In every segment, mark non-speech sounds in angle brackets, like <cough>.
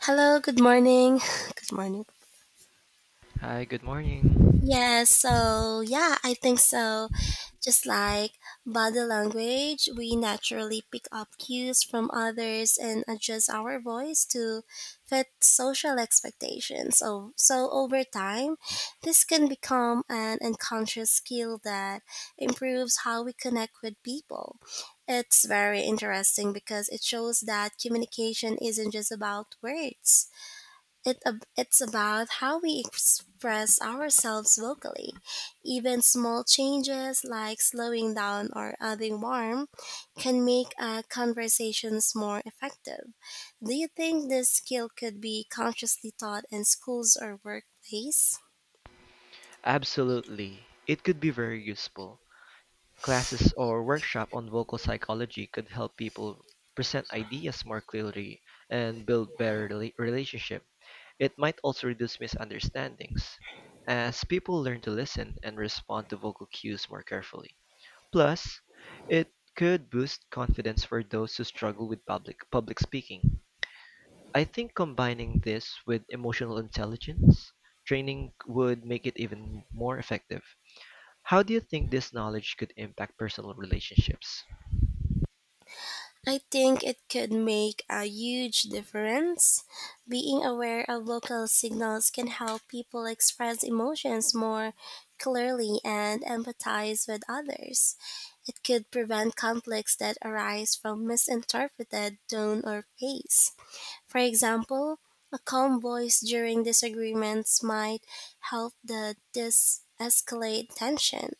Hello, good morning. <laughs> Good morning. Hi, good morning. Yes, I think so. Just like body language, we naturally pick up cues from others and adjust our voice to fit social expectations. So over time, this can become an unconscious skill that improves how we connect with people. It's very interesting because it shows that communication isn't just about words. It's about how we express ourselves vocally. Even small changes like slowing down or adding warmth can make conversations more effective. Do you think this skill could be consciously taught in schools or workplace? Absolutely. It could be very useful. Classes or workshop on vocal psychology could help people present ideas more clearly and build better relationship. It might also reduce misunderstandings as people learn to listen and respond to vocal cues more carefully. Plus, it could boost confidence for those who struggle with public speaking. I think combining this with emotional intelligence training would make it even more effective. How do you think this knowledge could impact personal relationships? I think it could make a huge difference. Being aware of local signals can help people express emotions more clearly and empathize with others. It could prevent conflicts that arise from misinterpreted tone or pace. For example, a calm voice during disagreements might help the dis escalate tension.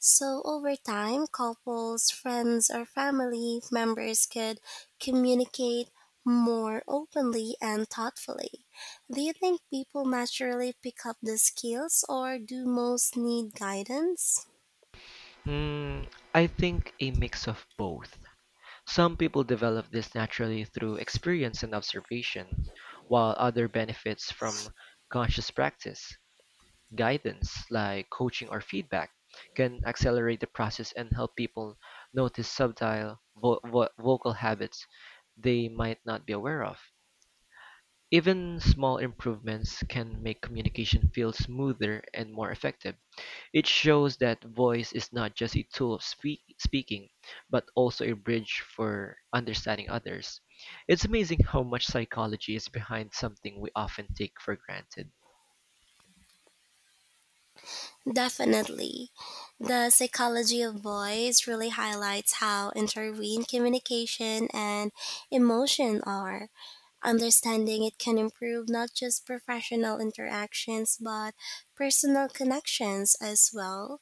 So over time, couples, friends, or family members could communicate more openly and thoughtfully. Do you think people naturally pick up the skills or do most need guidance? Hmm, I think a mix of both. Some people develop this naturally through experience and observation, while other benefits from conscious practice. Guidance, like coaching or feedback, can accelerate the process and help people notice subtle vocal habits they might not be aware of. Even small improvements can make communication feel smoother and more effective. It shows that voice is not just a tool of speaking, but also a bridge for understanding others. It's amazing how much psychology is behind something we often take for granted. Definitely. The psychology of voice really highlights how intertwined communication and emotion are. Understanding it can improve not just professional interactions but personal connections as well.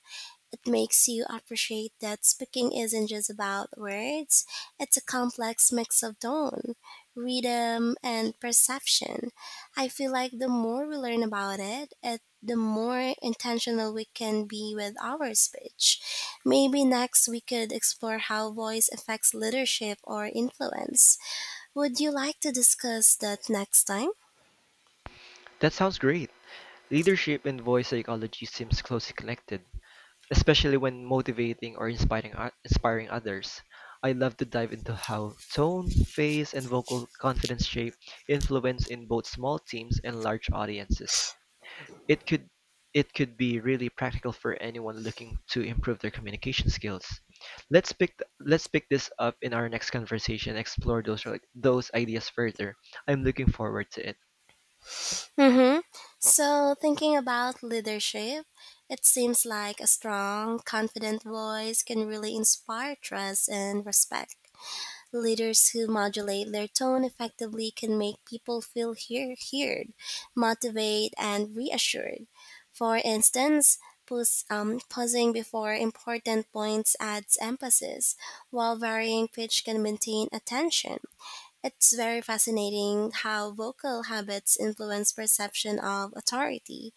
It makes you appreciate that speaking isn't just about words, it's a complex mix of tone, rhythm, and perception. I feel like the more we learn about it, the more intentional we can be with our speech. Maybe next we could explore how voice affects leadership or influence. Would you like to discuss that next time? That sounds great. Leadership and voice psychology seems closely connected, especially when motivating or inspiring others. I love to dive into how tone, face, and vocal confidence shape influence in both small teams and large audiences. It could it could be really practical for anyone looking to improve their communication skills. Let's pick this up in our next conversation and explore those ideas further. I'm looking forward to it. Mm-hmm. So, thinking about leadership, it seems like a strong, confident voice can really inspire trust and respect. Leaders who modulate their tone effectively can make people feel heard, motivated, and reassured. For instance, pausing before important points adds emphasis, while varying pitch can maintain attention. It's very fascinating how vocal habits influence perception of authority,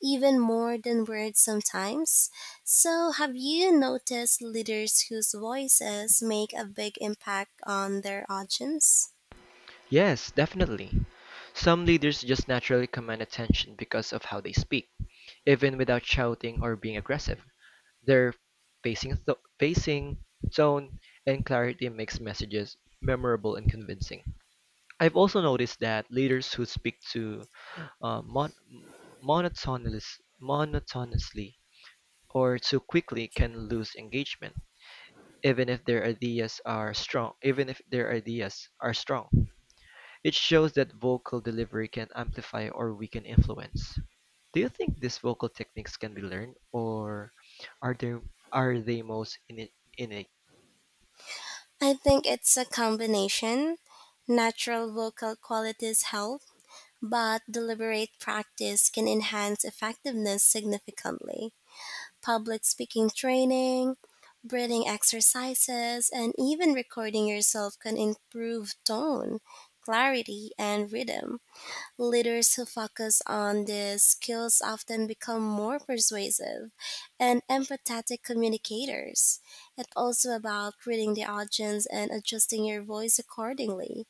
even more than words sometimes. So, have you noticed leaders whose voices make a big impact on their audience? Yes, definitely. Some leaders just naturally command attention because of how they speak, even without shouting or being aggressive. Their pacing, tone, and clarity makes messages memorable and convincing. I've also noticed that leaders who speak to uh, mon- monotonous, monotonously or too quickly can lose engagement, even if their ideas are strong. Even if their ideas are strong. It shows that vocal delivery can amplify or weaken influence. Do you think these vocal techniques can be learned, or are there are they most in innate? I think it's a combination. Natural vocal qualities help, but deliberate practice can enhance effectiveness significantly. Public speaking training, breathing exercises, and even recording yourself can improve tone, clarity, and rhythm. Leaders who focus on these skills often become more persuasive and empathetic communicators. It's also about reading the audience and adjusting your voice accordingly.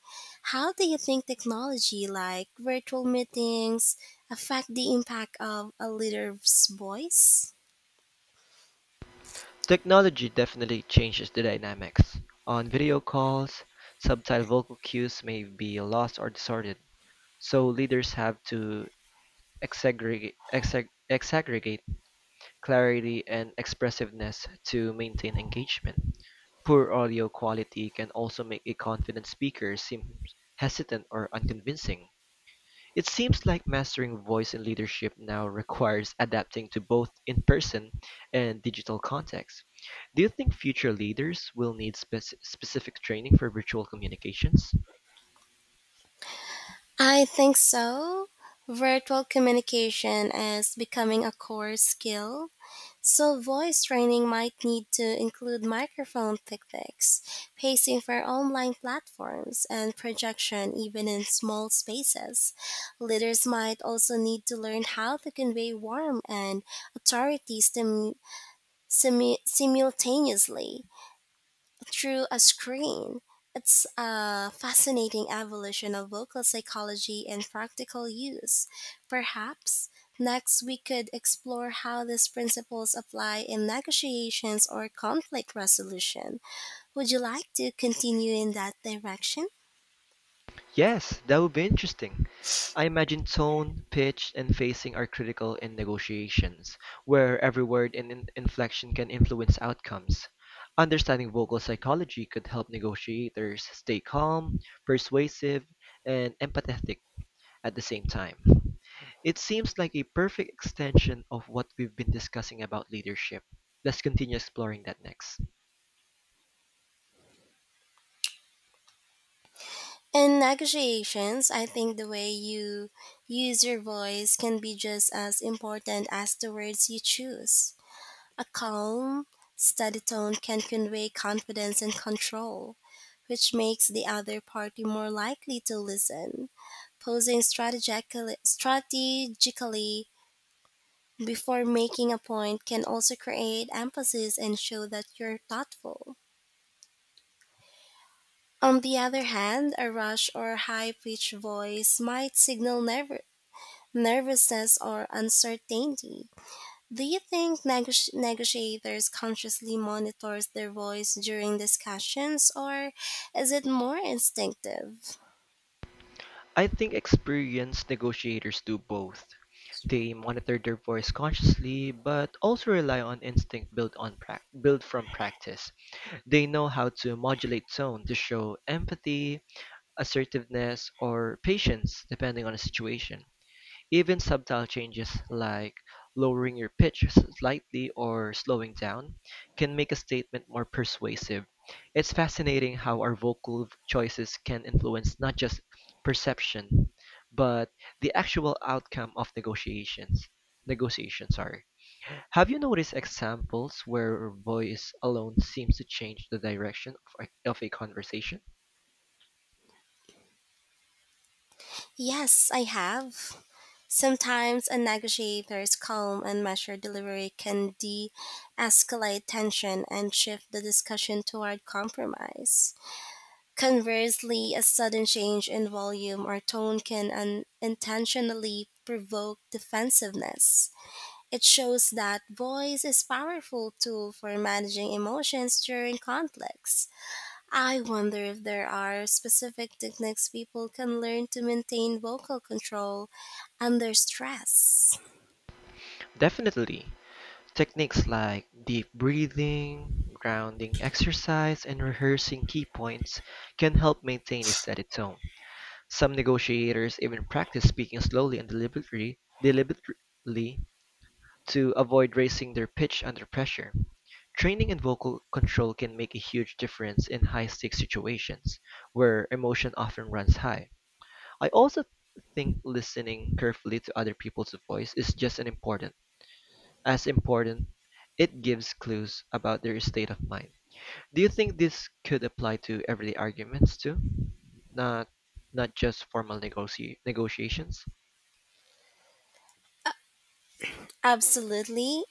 How do you think technology like virtual meetings affect the impact of a leader's voice? Technology definitely changes the dynamics. On video calls, subtle vocal cues may be lost or distorted, so leaders have to exaggerate clarity and expressiveness to maintain engagement. Poor audio quality can also make a confident speaker seem hesitant or unconvincing. It seems like mastering voice and leadership now requires adapting to both in person and digital contexts. Do you think future leaders will need specific training for virtual communications? I think so. Virtual communication is becoming a core skill, so voice training might need to include microphone techniques, pacing for online platforms, and projection even in small spaces. Leaders might also need to learn how to convey warmth and authority simultaneously through a screen. It's a fascinating evolution of vocal psychology and practical use. Perhaps next we could explore how these principles apply in negotiations or conflict resolution. Would you like to continue in that direction? Yes, that would be interesting. I imagine tone, pitch, and pacing are critical in negotiations, where every word and inflection can influence outcomes. Understanding vocal psychology could help negotiators stay calm, persuasive, and empathetic at the same time. It seems like a perfect extension of what we've been discussing about leadership. Let's continue exploring that next. In negotiations, I think the way you use your voice can be just as important as the words you choose. A calm, steady tone can convey confidence and control, which makes the other party more likely to listen. Strategically before making a point can also create emphasis and show that you're thoughtful. On the other hand, a rush or high pitched voice might signal nervousness or uncertainty. Do you think negotiators consciously monitors their voice during discussions or is it more instinctive? I think experienced negotiators do both. They monitor their voice consciously, but also rely on instinct built from practice. They know how to modulate tone to show empathy, assertiveness, or patience, depending on the situation. Even subtle changes, like lowering your pitch slightly or slowing down, can make a statement more persuasive. It's fascinating how our vocal choices can influence not just perception, but the actual outcome of negotiations. Negotiation, sorry. Have you noticed examples where voice alone seems to change the direction of a conversation? Yes, I have. Sometimes a negotiator's calm and measured delivery can de escalate tension and shift the discussion toward compromise. Conversely, a sudden change in volume or tone can unintentionally provoke defensiveness. It shows that voice is powerful tool for managing emotions during conflicts. I wonder if there are specific techniques people can learn to maintain vocal control under stress. Definitely. Techniques like deep breathing, grounding exercise, and rehearsing key points can help maintain a steady tone. Some negotiators even practice speaking slowly and deliberately to avoid raising their pitch under pressure. Training in vocal control can make a huge difference in high-stakes situations where emotion often runs high. I also think listening carefully to other people's voice is just as important, it gives clues about their state of mind. Do you think this could apply to everyday arguments too? Not not just formal negotiations? Absolutely.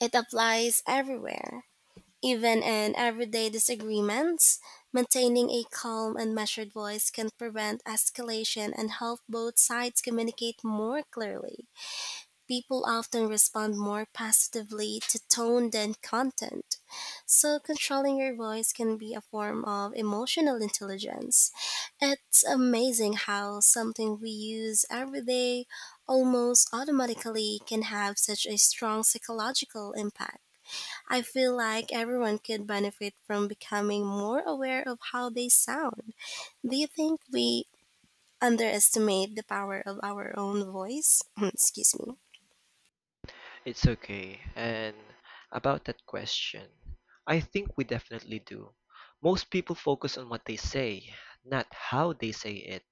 It applies everywhere. Even in everyday disagreements, maintaining a calm and measured voice can prevent escalation and help both sides communicate more clearly. People often respond more positively to tone than content. So, controlling your voice can be a form of emotional intelligence. It's amazing how something we use every day almost automatically can have such a strong psychological impact. I feel like everyone could benefit from becoming more aware of how they sound. Do you think we underestimate the power of our own voice? <clears throat> Excuse me. It's okay. And about that question, I think we definitely do. Most people focus on what they say, not how they say it,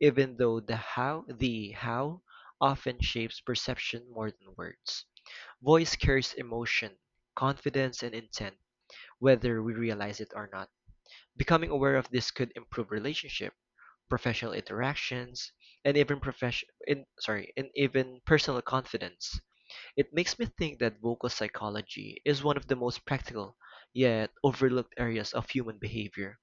even though the how often shapes perception more than words. Voice carries emotion, confidence, and intent whether we realize it or not. Becoming aware of this could improve relationship, professional interactions, and even profession in sorry, and even personal confidence. It makes me think that vocal psychology is one of the most practical yet overlooked areas of human behavior.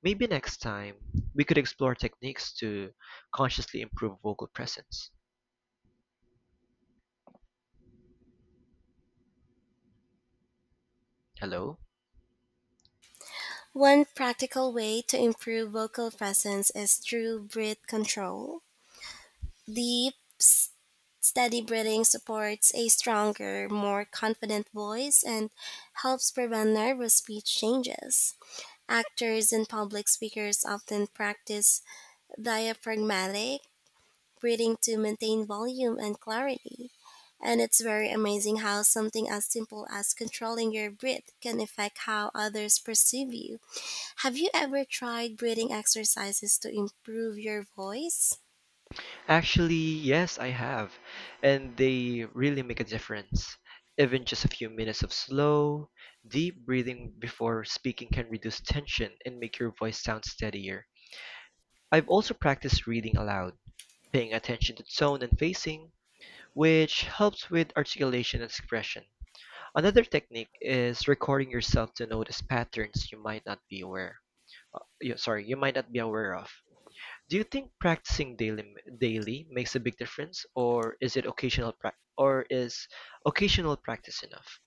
Maybe next time we could explore techniques to consciously improve vocal presence. Hello? One practical way to improve vocal presence is through breath control. Deep, s- Steady breathing supports a stronger, more confident voice and helps prevent nervous speech changes. Actors and public speakers often practice diaphragmatic breathing to maintain volume and clarity. And it's very amazing how something as simple as controlling your breath can affect how others perceive you. Have you ever tried breathing exercises to improve your voice? Actually, yes, I have. And they really make a difference. Even just a few minutes of slow, deep breathing before speaking can reduce tension and make your voice sound steadier. I've also practiced reading aloud, paying attention to tone and pacing, which helps with articulation and expression. Another technique is recording yourself to notice patterns you might not be you might not be aware of. Do you think practicing daily makes a big difference, or is occasional practice enough?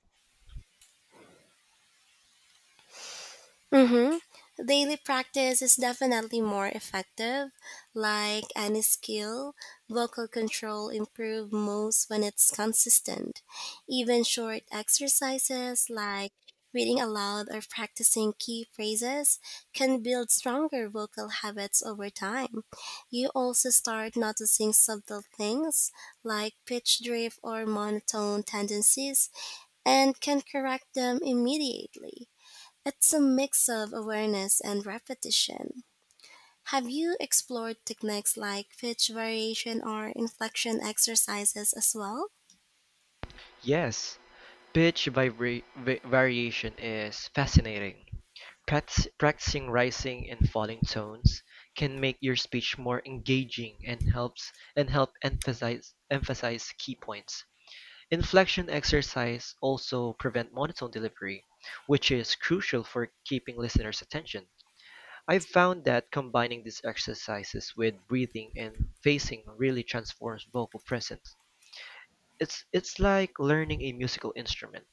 Mm-hmm. Daily practice is definitely more effective. Like any skill, vocal control improve most when it's consistent. Even short exercises like reading aloud or practicing key phrases can build stronger vocal habits over time. You also start noticing subtle things like pitch drift or monotone tendencies and can correct them immediately. It's a mix of awareness and repetition. Have you explored techniques like pitch variation or inflection exercises as well? Yes, pitch variation is fascinating. Practicing rising and falling tones can make your speech more engaging and helps and help emphasize key points. Inflection exercise also prevent monotone delivery, which is crucial for keeping listeners' attention. I've found that combining these exercises with breathing and pacing really transforms vocal presence. It's like learning a musical instrument,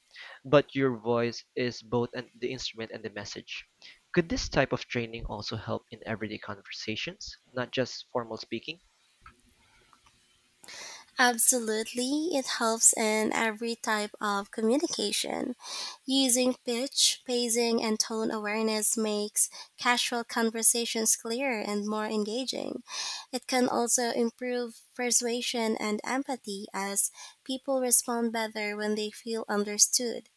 but your voice is both the instrument and the message. Could this type of training also help in everyday conversations, not just formal speaking? Absolutely, it helps in every type of communication. Using pitch, pacing, and tone awareness makes casual conversations clearer and more engaging. It can also improve persuasion and empathy as people respond better when they feel understood.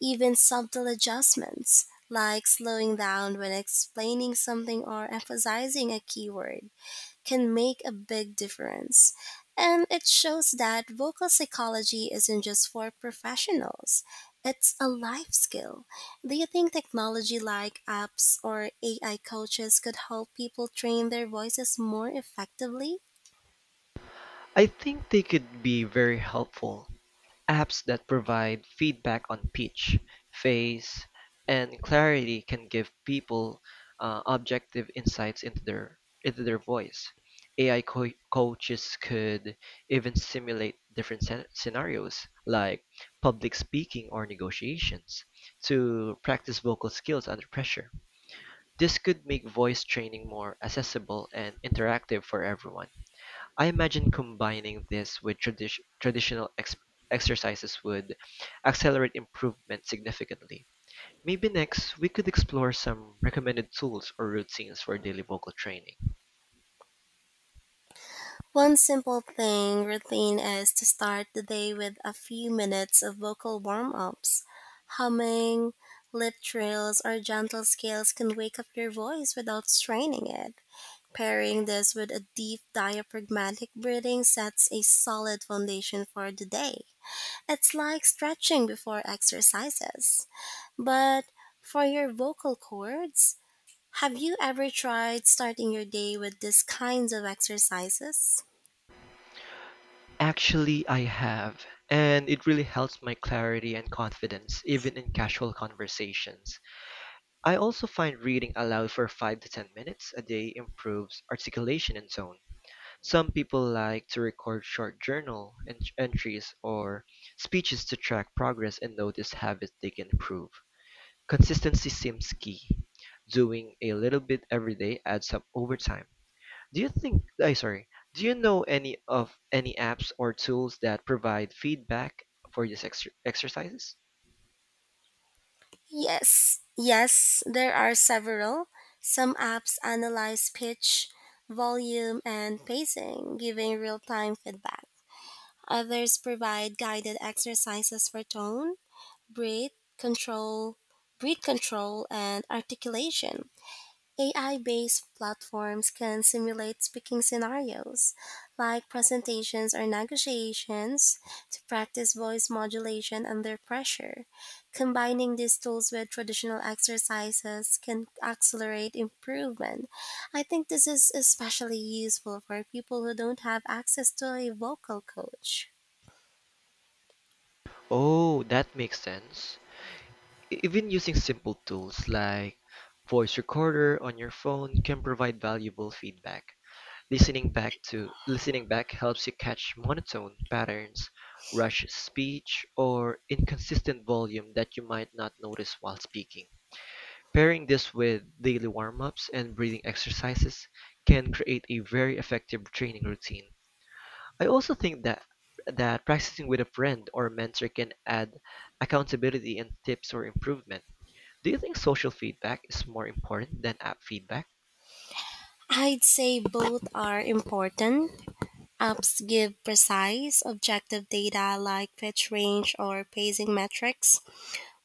Even subtle adjustments, like slowing down when explaining something or emphasizing a keyword, can make a big difference. And it shows that vocal psychology isn't just for professionals, it's a life skill. Do you think technology like apps or AI coaches could help people train their voices more effectively? I think they could be very helpful. Apps that provide feedback on pitch, phase, and clarity can give people objective insights into their voice. AI coaches could even simulate different scenarios like public speaking or negotiations to practice vocal skills under pressure. This could make voice training more accessible and interactive for everyone. I imagine combining this with traditional exercises would accelerate improvement significantly. Maybe next, we could explore some recommended tools or routines for daily vocal training. One simple thing routine is to start the day with a few minutes of vocal warm-ups. Humming, lip trills, or gentle scales can wake up your voice without straining it. Pairing this with a deep diaphragmatic breathing sets a solid foundation for the day. It's like stretching before exercises. But for your vocal cords, have you ever tried starting your day with these kinds of exercises? Actually, I have, and it really helps my clarity and confidence, even in casual conversations. I also find reading aloud for 5 to 10 minutes a day improves articulation and tone. Some people like to record short journal entries or speeches to track progress and notice habits they can improve. Consistency seems key. Doing a little bit every day adds up over time. Do you think, I sorry, do you know any apps or tools that provide feedback for these exercises? Yes, there are several. Some apps analyze pitch, volume, and pacing, giving real time feedback. Others provide guided exercises for tone, breath control, breath control, and articulation. AI based platforms can simulate speaking scenarios, like presentations or negotiations, to practice voice modulation under pressure. Combining these tools with traditional exercises can accelerate improvement. I think this is especially useful for people who don't have access to a vocal coach. Oh, that makes sense. Even using simple tools like voice recorder on your phone can provide valuable feedback. Listening back helps you catch monotone patterns, rushed speech, or inconsistent volume that you might not notice while speaking. Pairing this with daily warm-ups and breathing exercises can create a very effective training routine. I also think that practicing with a friend or mentor can add accountability and tips for improvement. Do you think social feedback is more important than app feedback? I'd say both are important. Apps give precise, objective data like pitch range or pacing metrics,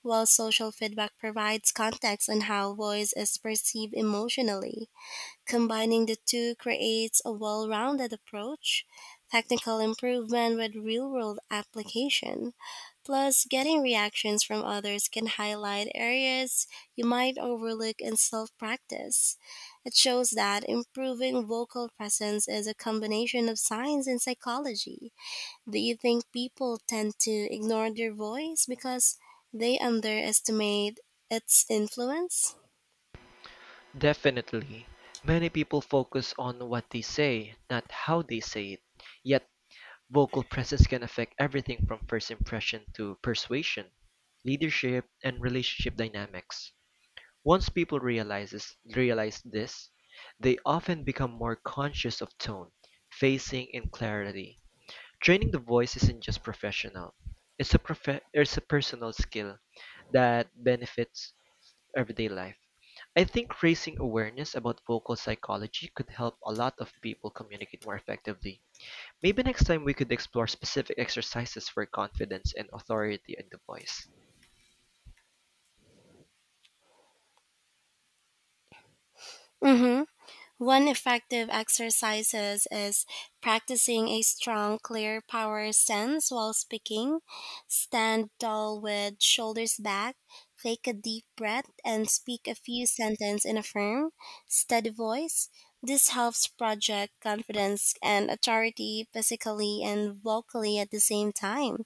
while social feedback provides context on how voice is perceived emotionally. Combining the two creates a well rounded approach, technical improvement with real world application. Plus, getting reactions from others can highlight areas you might overlook in self practice. It shows that improving vocal presence is a combination of science and psychology. Do you think people tend to ignore their voice because they underestimate its influence? Definitely. Many people focus on what they say, not how they say it. Yet, vocal presence can affect everything from first impression to persuasion, leadership, and relationship dynamics. Once realize this, they often become more conscious of tone, pacing, and clarity. Training the voice isn't just professional. It's a personal skill that benefits everyday life. I think raising awareness about vocal psychology could help a lot of people communicate more effectively. Maybe next time we could explore specific exercises for confidence and authority in the voice. Mm-hmm. One effective exercise is practicing a strong, clear power stance while speaking. Stand tall with shoulders back, take a deep breath, and speak a few sentences in a firm, steady voice. This helps project confidence and authority physically and vocally at the same time.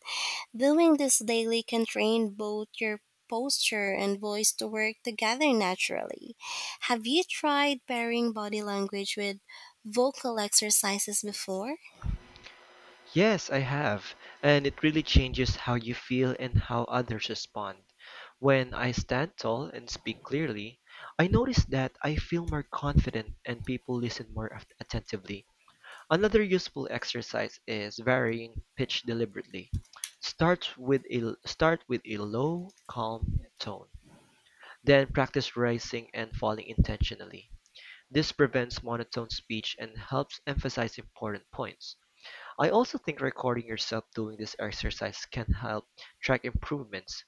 Doing this daily can train both your posture and voice to work together naturally. Have you tried pairing body language with vocal exercises before? Yes, I have, and it really changes how you feel and how others respond. When I stand tall and speak clearly, I notice that I feel more confident and people listen more attentively. Another useful exercise is varying pitch deliberately. Start with a low, calm tone, then practice rising and falling intentionally. This prevents monotone speech and helps emphasize important points. I also think recording yourself doing this exercise can help track improvements.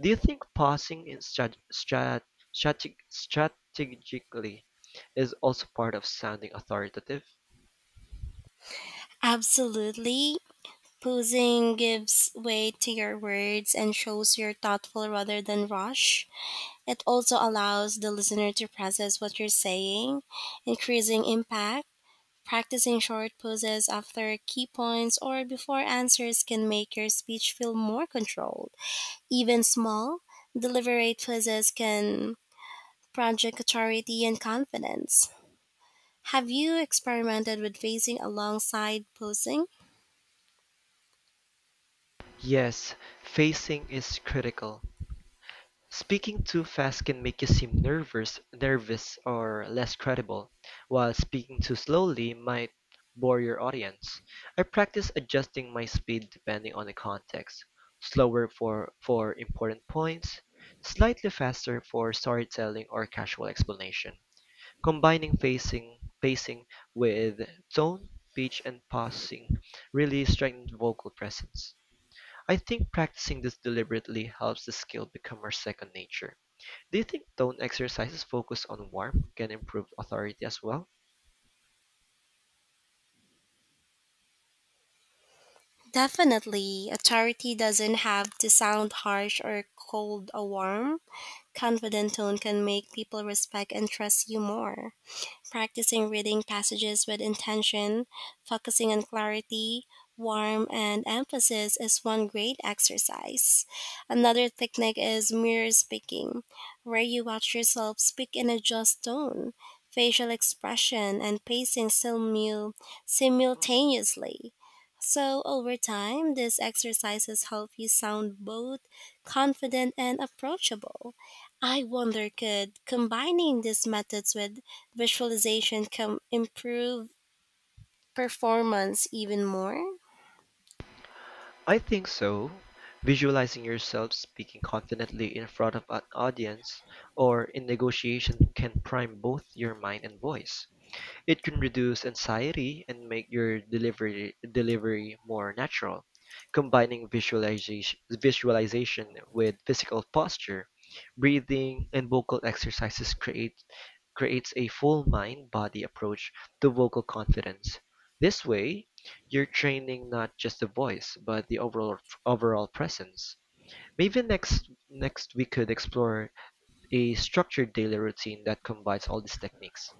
Do you think pausing in strategically is also part of sounding authoritative? Absolutely. Posing gives weight to your words and shows you're thoughtful rather than rush. It also allows the listener to process what you're saying, increasing impact. Practicing short pauses after key points or before answers can make your speech feel more controlled. Even small, deliberate pauses can project authority and confidence. Have you experimented with pacing alongside posing? Yes, pacing is critical. Speaking too fast can make you seem nervous or less credible, while speaking too slowly might bore your audience. I practice adjusting my speed depending on the context. Slower for important points, slightly faster for storytelling or casual explanation. Combining pacing with tone, pitch, and pausing really strengthens vocal presence. I think practicing this deliberately helps the skill become our second nature. Do you think tone exercises focused on warmth can improve authority as well? Definitely, authority doesn't have to sound harsh or cold or warm. Confident tone can make people respect and trust you more. Practicing reading passages with intention, focusing on clarity, warmth, and emphasis is one great exercise. Another technique is mirror speaking, where you watch yourself speak and adjust tone, facial expression, and pacing simultaneously. So, over time, these exercises help you sound both confident and approachable. I wonder could combining these methods with visualization can improve performance even more. I think so. Visualizing yourself speaking confidently in front of an audience or in negotiation can prime both your mind and voice. It can reduce anxiety and make your delivery more natural. Combining visualization with physical posture, breathing, and vocal exercises creates a full mind-body approach to vocal confidence. This way, you're training not just the voice, but the overall presence. Maybe next we could explore a structured daily routine that combines all these techniques.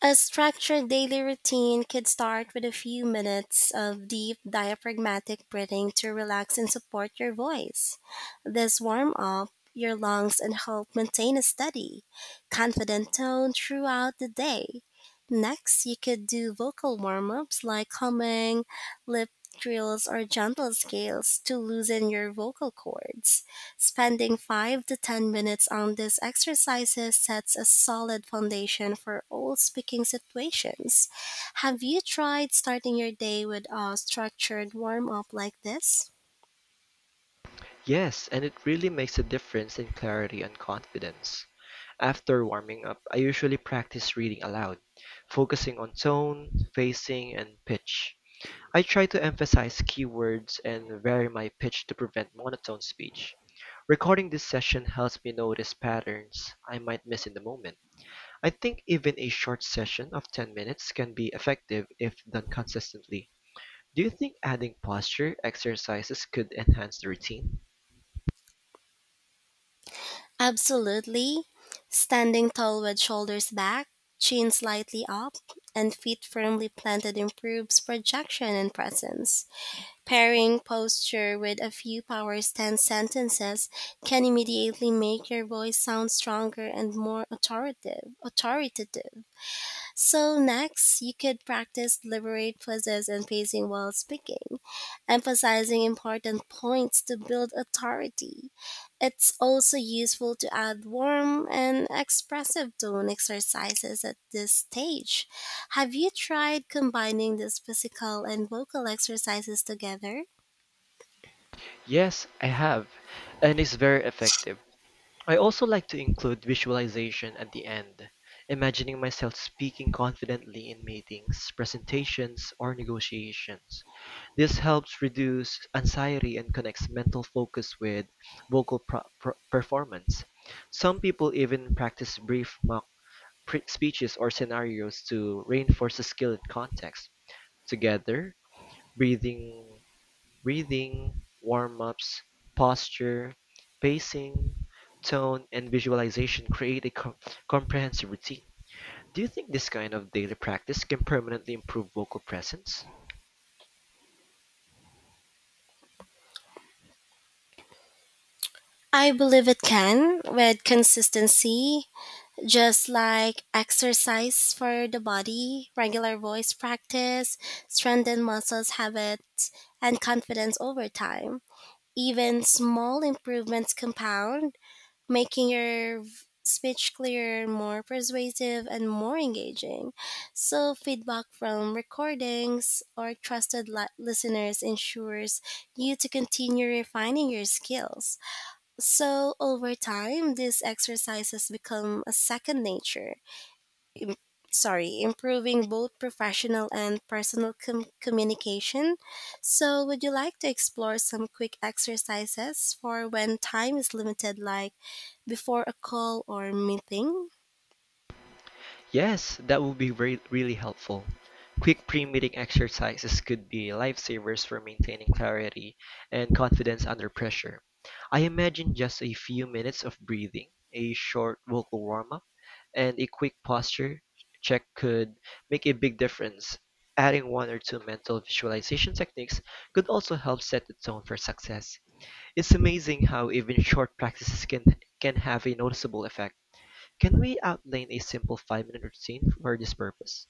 A structured daily routine could start with a few minutes of deep diaphragmatic breathing to relax and support your voice. This warm up your lungs and help maintain a steady, confident tone throughout the day. Next, you could do vocal warm ups like humming, lip drills, or gentle scales to loosen your vocal cords. Spending 5 to 10 minutes on these exercises sets a solid foundation for all speaking situations. Have you tried starting your day with a structured warm up like this? Yes, and it really makes a difference in clarity and confidence. After warming up, I usually practice reading aloud, focusing on tone, pacing, and pitch. I try to emphasize keywords and vary my pitch to prevent monotone speech. Recording this session helps me notice patterns I might miss in the moment. I think even a short session of 10 minutes can be effective if done consistently. Do you think adding posture exercises could enhance the routine? Absolutely. Standing tall with shoulders back, chin slightly up, and feet firmly planted improves projection and presence. Pairing posture with a few power stance sentences can immediately make your voice sound stronger and more authoritative. So next, you could practice deliberate pauses and pacing while speaking, emphasizing important points to build authority. It's also useful to add warm and expressive tone exercises at this stage. Have you tried combining these physical and vocal exercises together? Yes, I have, and it's very effective. I also like to include visualization at the end, imagining myself speaking confidently in meetings, presentations, or negotiations. This helps reduce anxiety and connects mental focus with vocal performance. Some people even practice brief mock speeches or scenarios to reinforce the skill in context. Together, breathing Breathing, warm-ups, posture, pacing, tone, and visualization create a comprehensive routine. Do you think this kind of daily practice can permanently improve vocal presence? I believe it can with consistency, just like exercise for the body, regular voice practice, strengthen muscles habits, and confidence over time. Even small improvements compound, making your speech clearer, more persuasive, and more engaging. So, feedback from recordings or trusted listeners ensures you to continue refining your skills. So over time, these exercises become a second nature. Im- Improving both professional and personal communication. So would you like to explore some quick exercises for when time is limited, like before a call or meeting? Yes, that would be really helpful. Quick pre-meeting exercises could be lifesavers for maintaining clarity and confidence under pressure. I imagine just a few minutes of breathing, a short vocal warm-up, and a quick posture check could make a big difference. Adding one or two mental visualization techniques could also help set the tone for success. It's amazing how even short practices can have a noticeable effect. Can we outline a simple 5-minute routine for this purpose?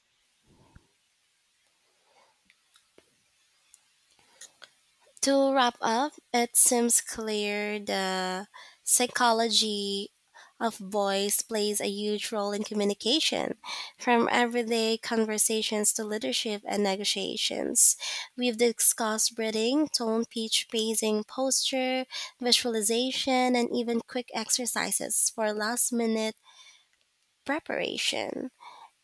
To wrap up, it seems clear the psychology of voice plays a huge role in communication, from everyday conversations to leadership and negotiations. We've discussed breathing, tone, pitch, pacing, posture, visualization, and even quick exercises for last minute preparation.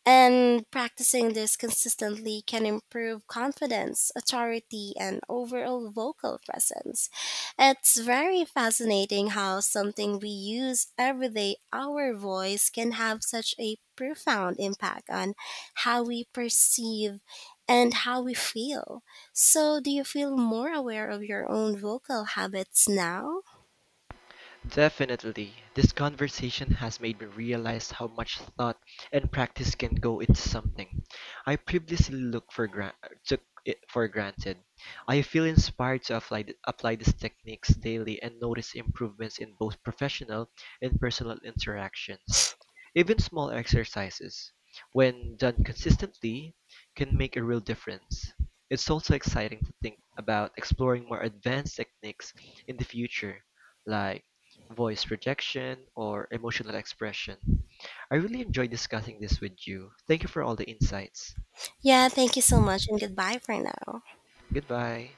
And practicing this consistently can improve confidence, authority, and overall vocal presence. It's very fascinating how something we use every day, our voice, can have such a profound impact on how we perceive and how we feel. So, do you feel more aware of your own vocal habits now? Definitely. This conversation has made me realize how much thought and practice can go into something. I previously took it for granted. I feel inspired to apply these techniques daily and notice improvements in both professional and personal interactions. Even small exercises, when done consistently, can make a real difference. It's also exciting to think about exploring more advanced techniques in the future, like voice projection or emotional expression. I really enjoyed discussing this with you. Thank you for all the insights. Yeah, thank you so much, and goodbye for now. Goodbye.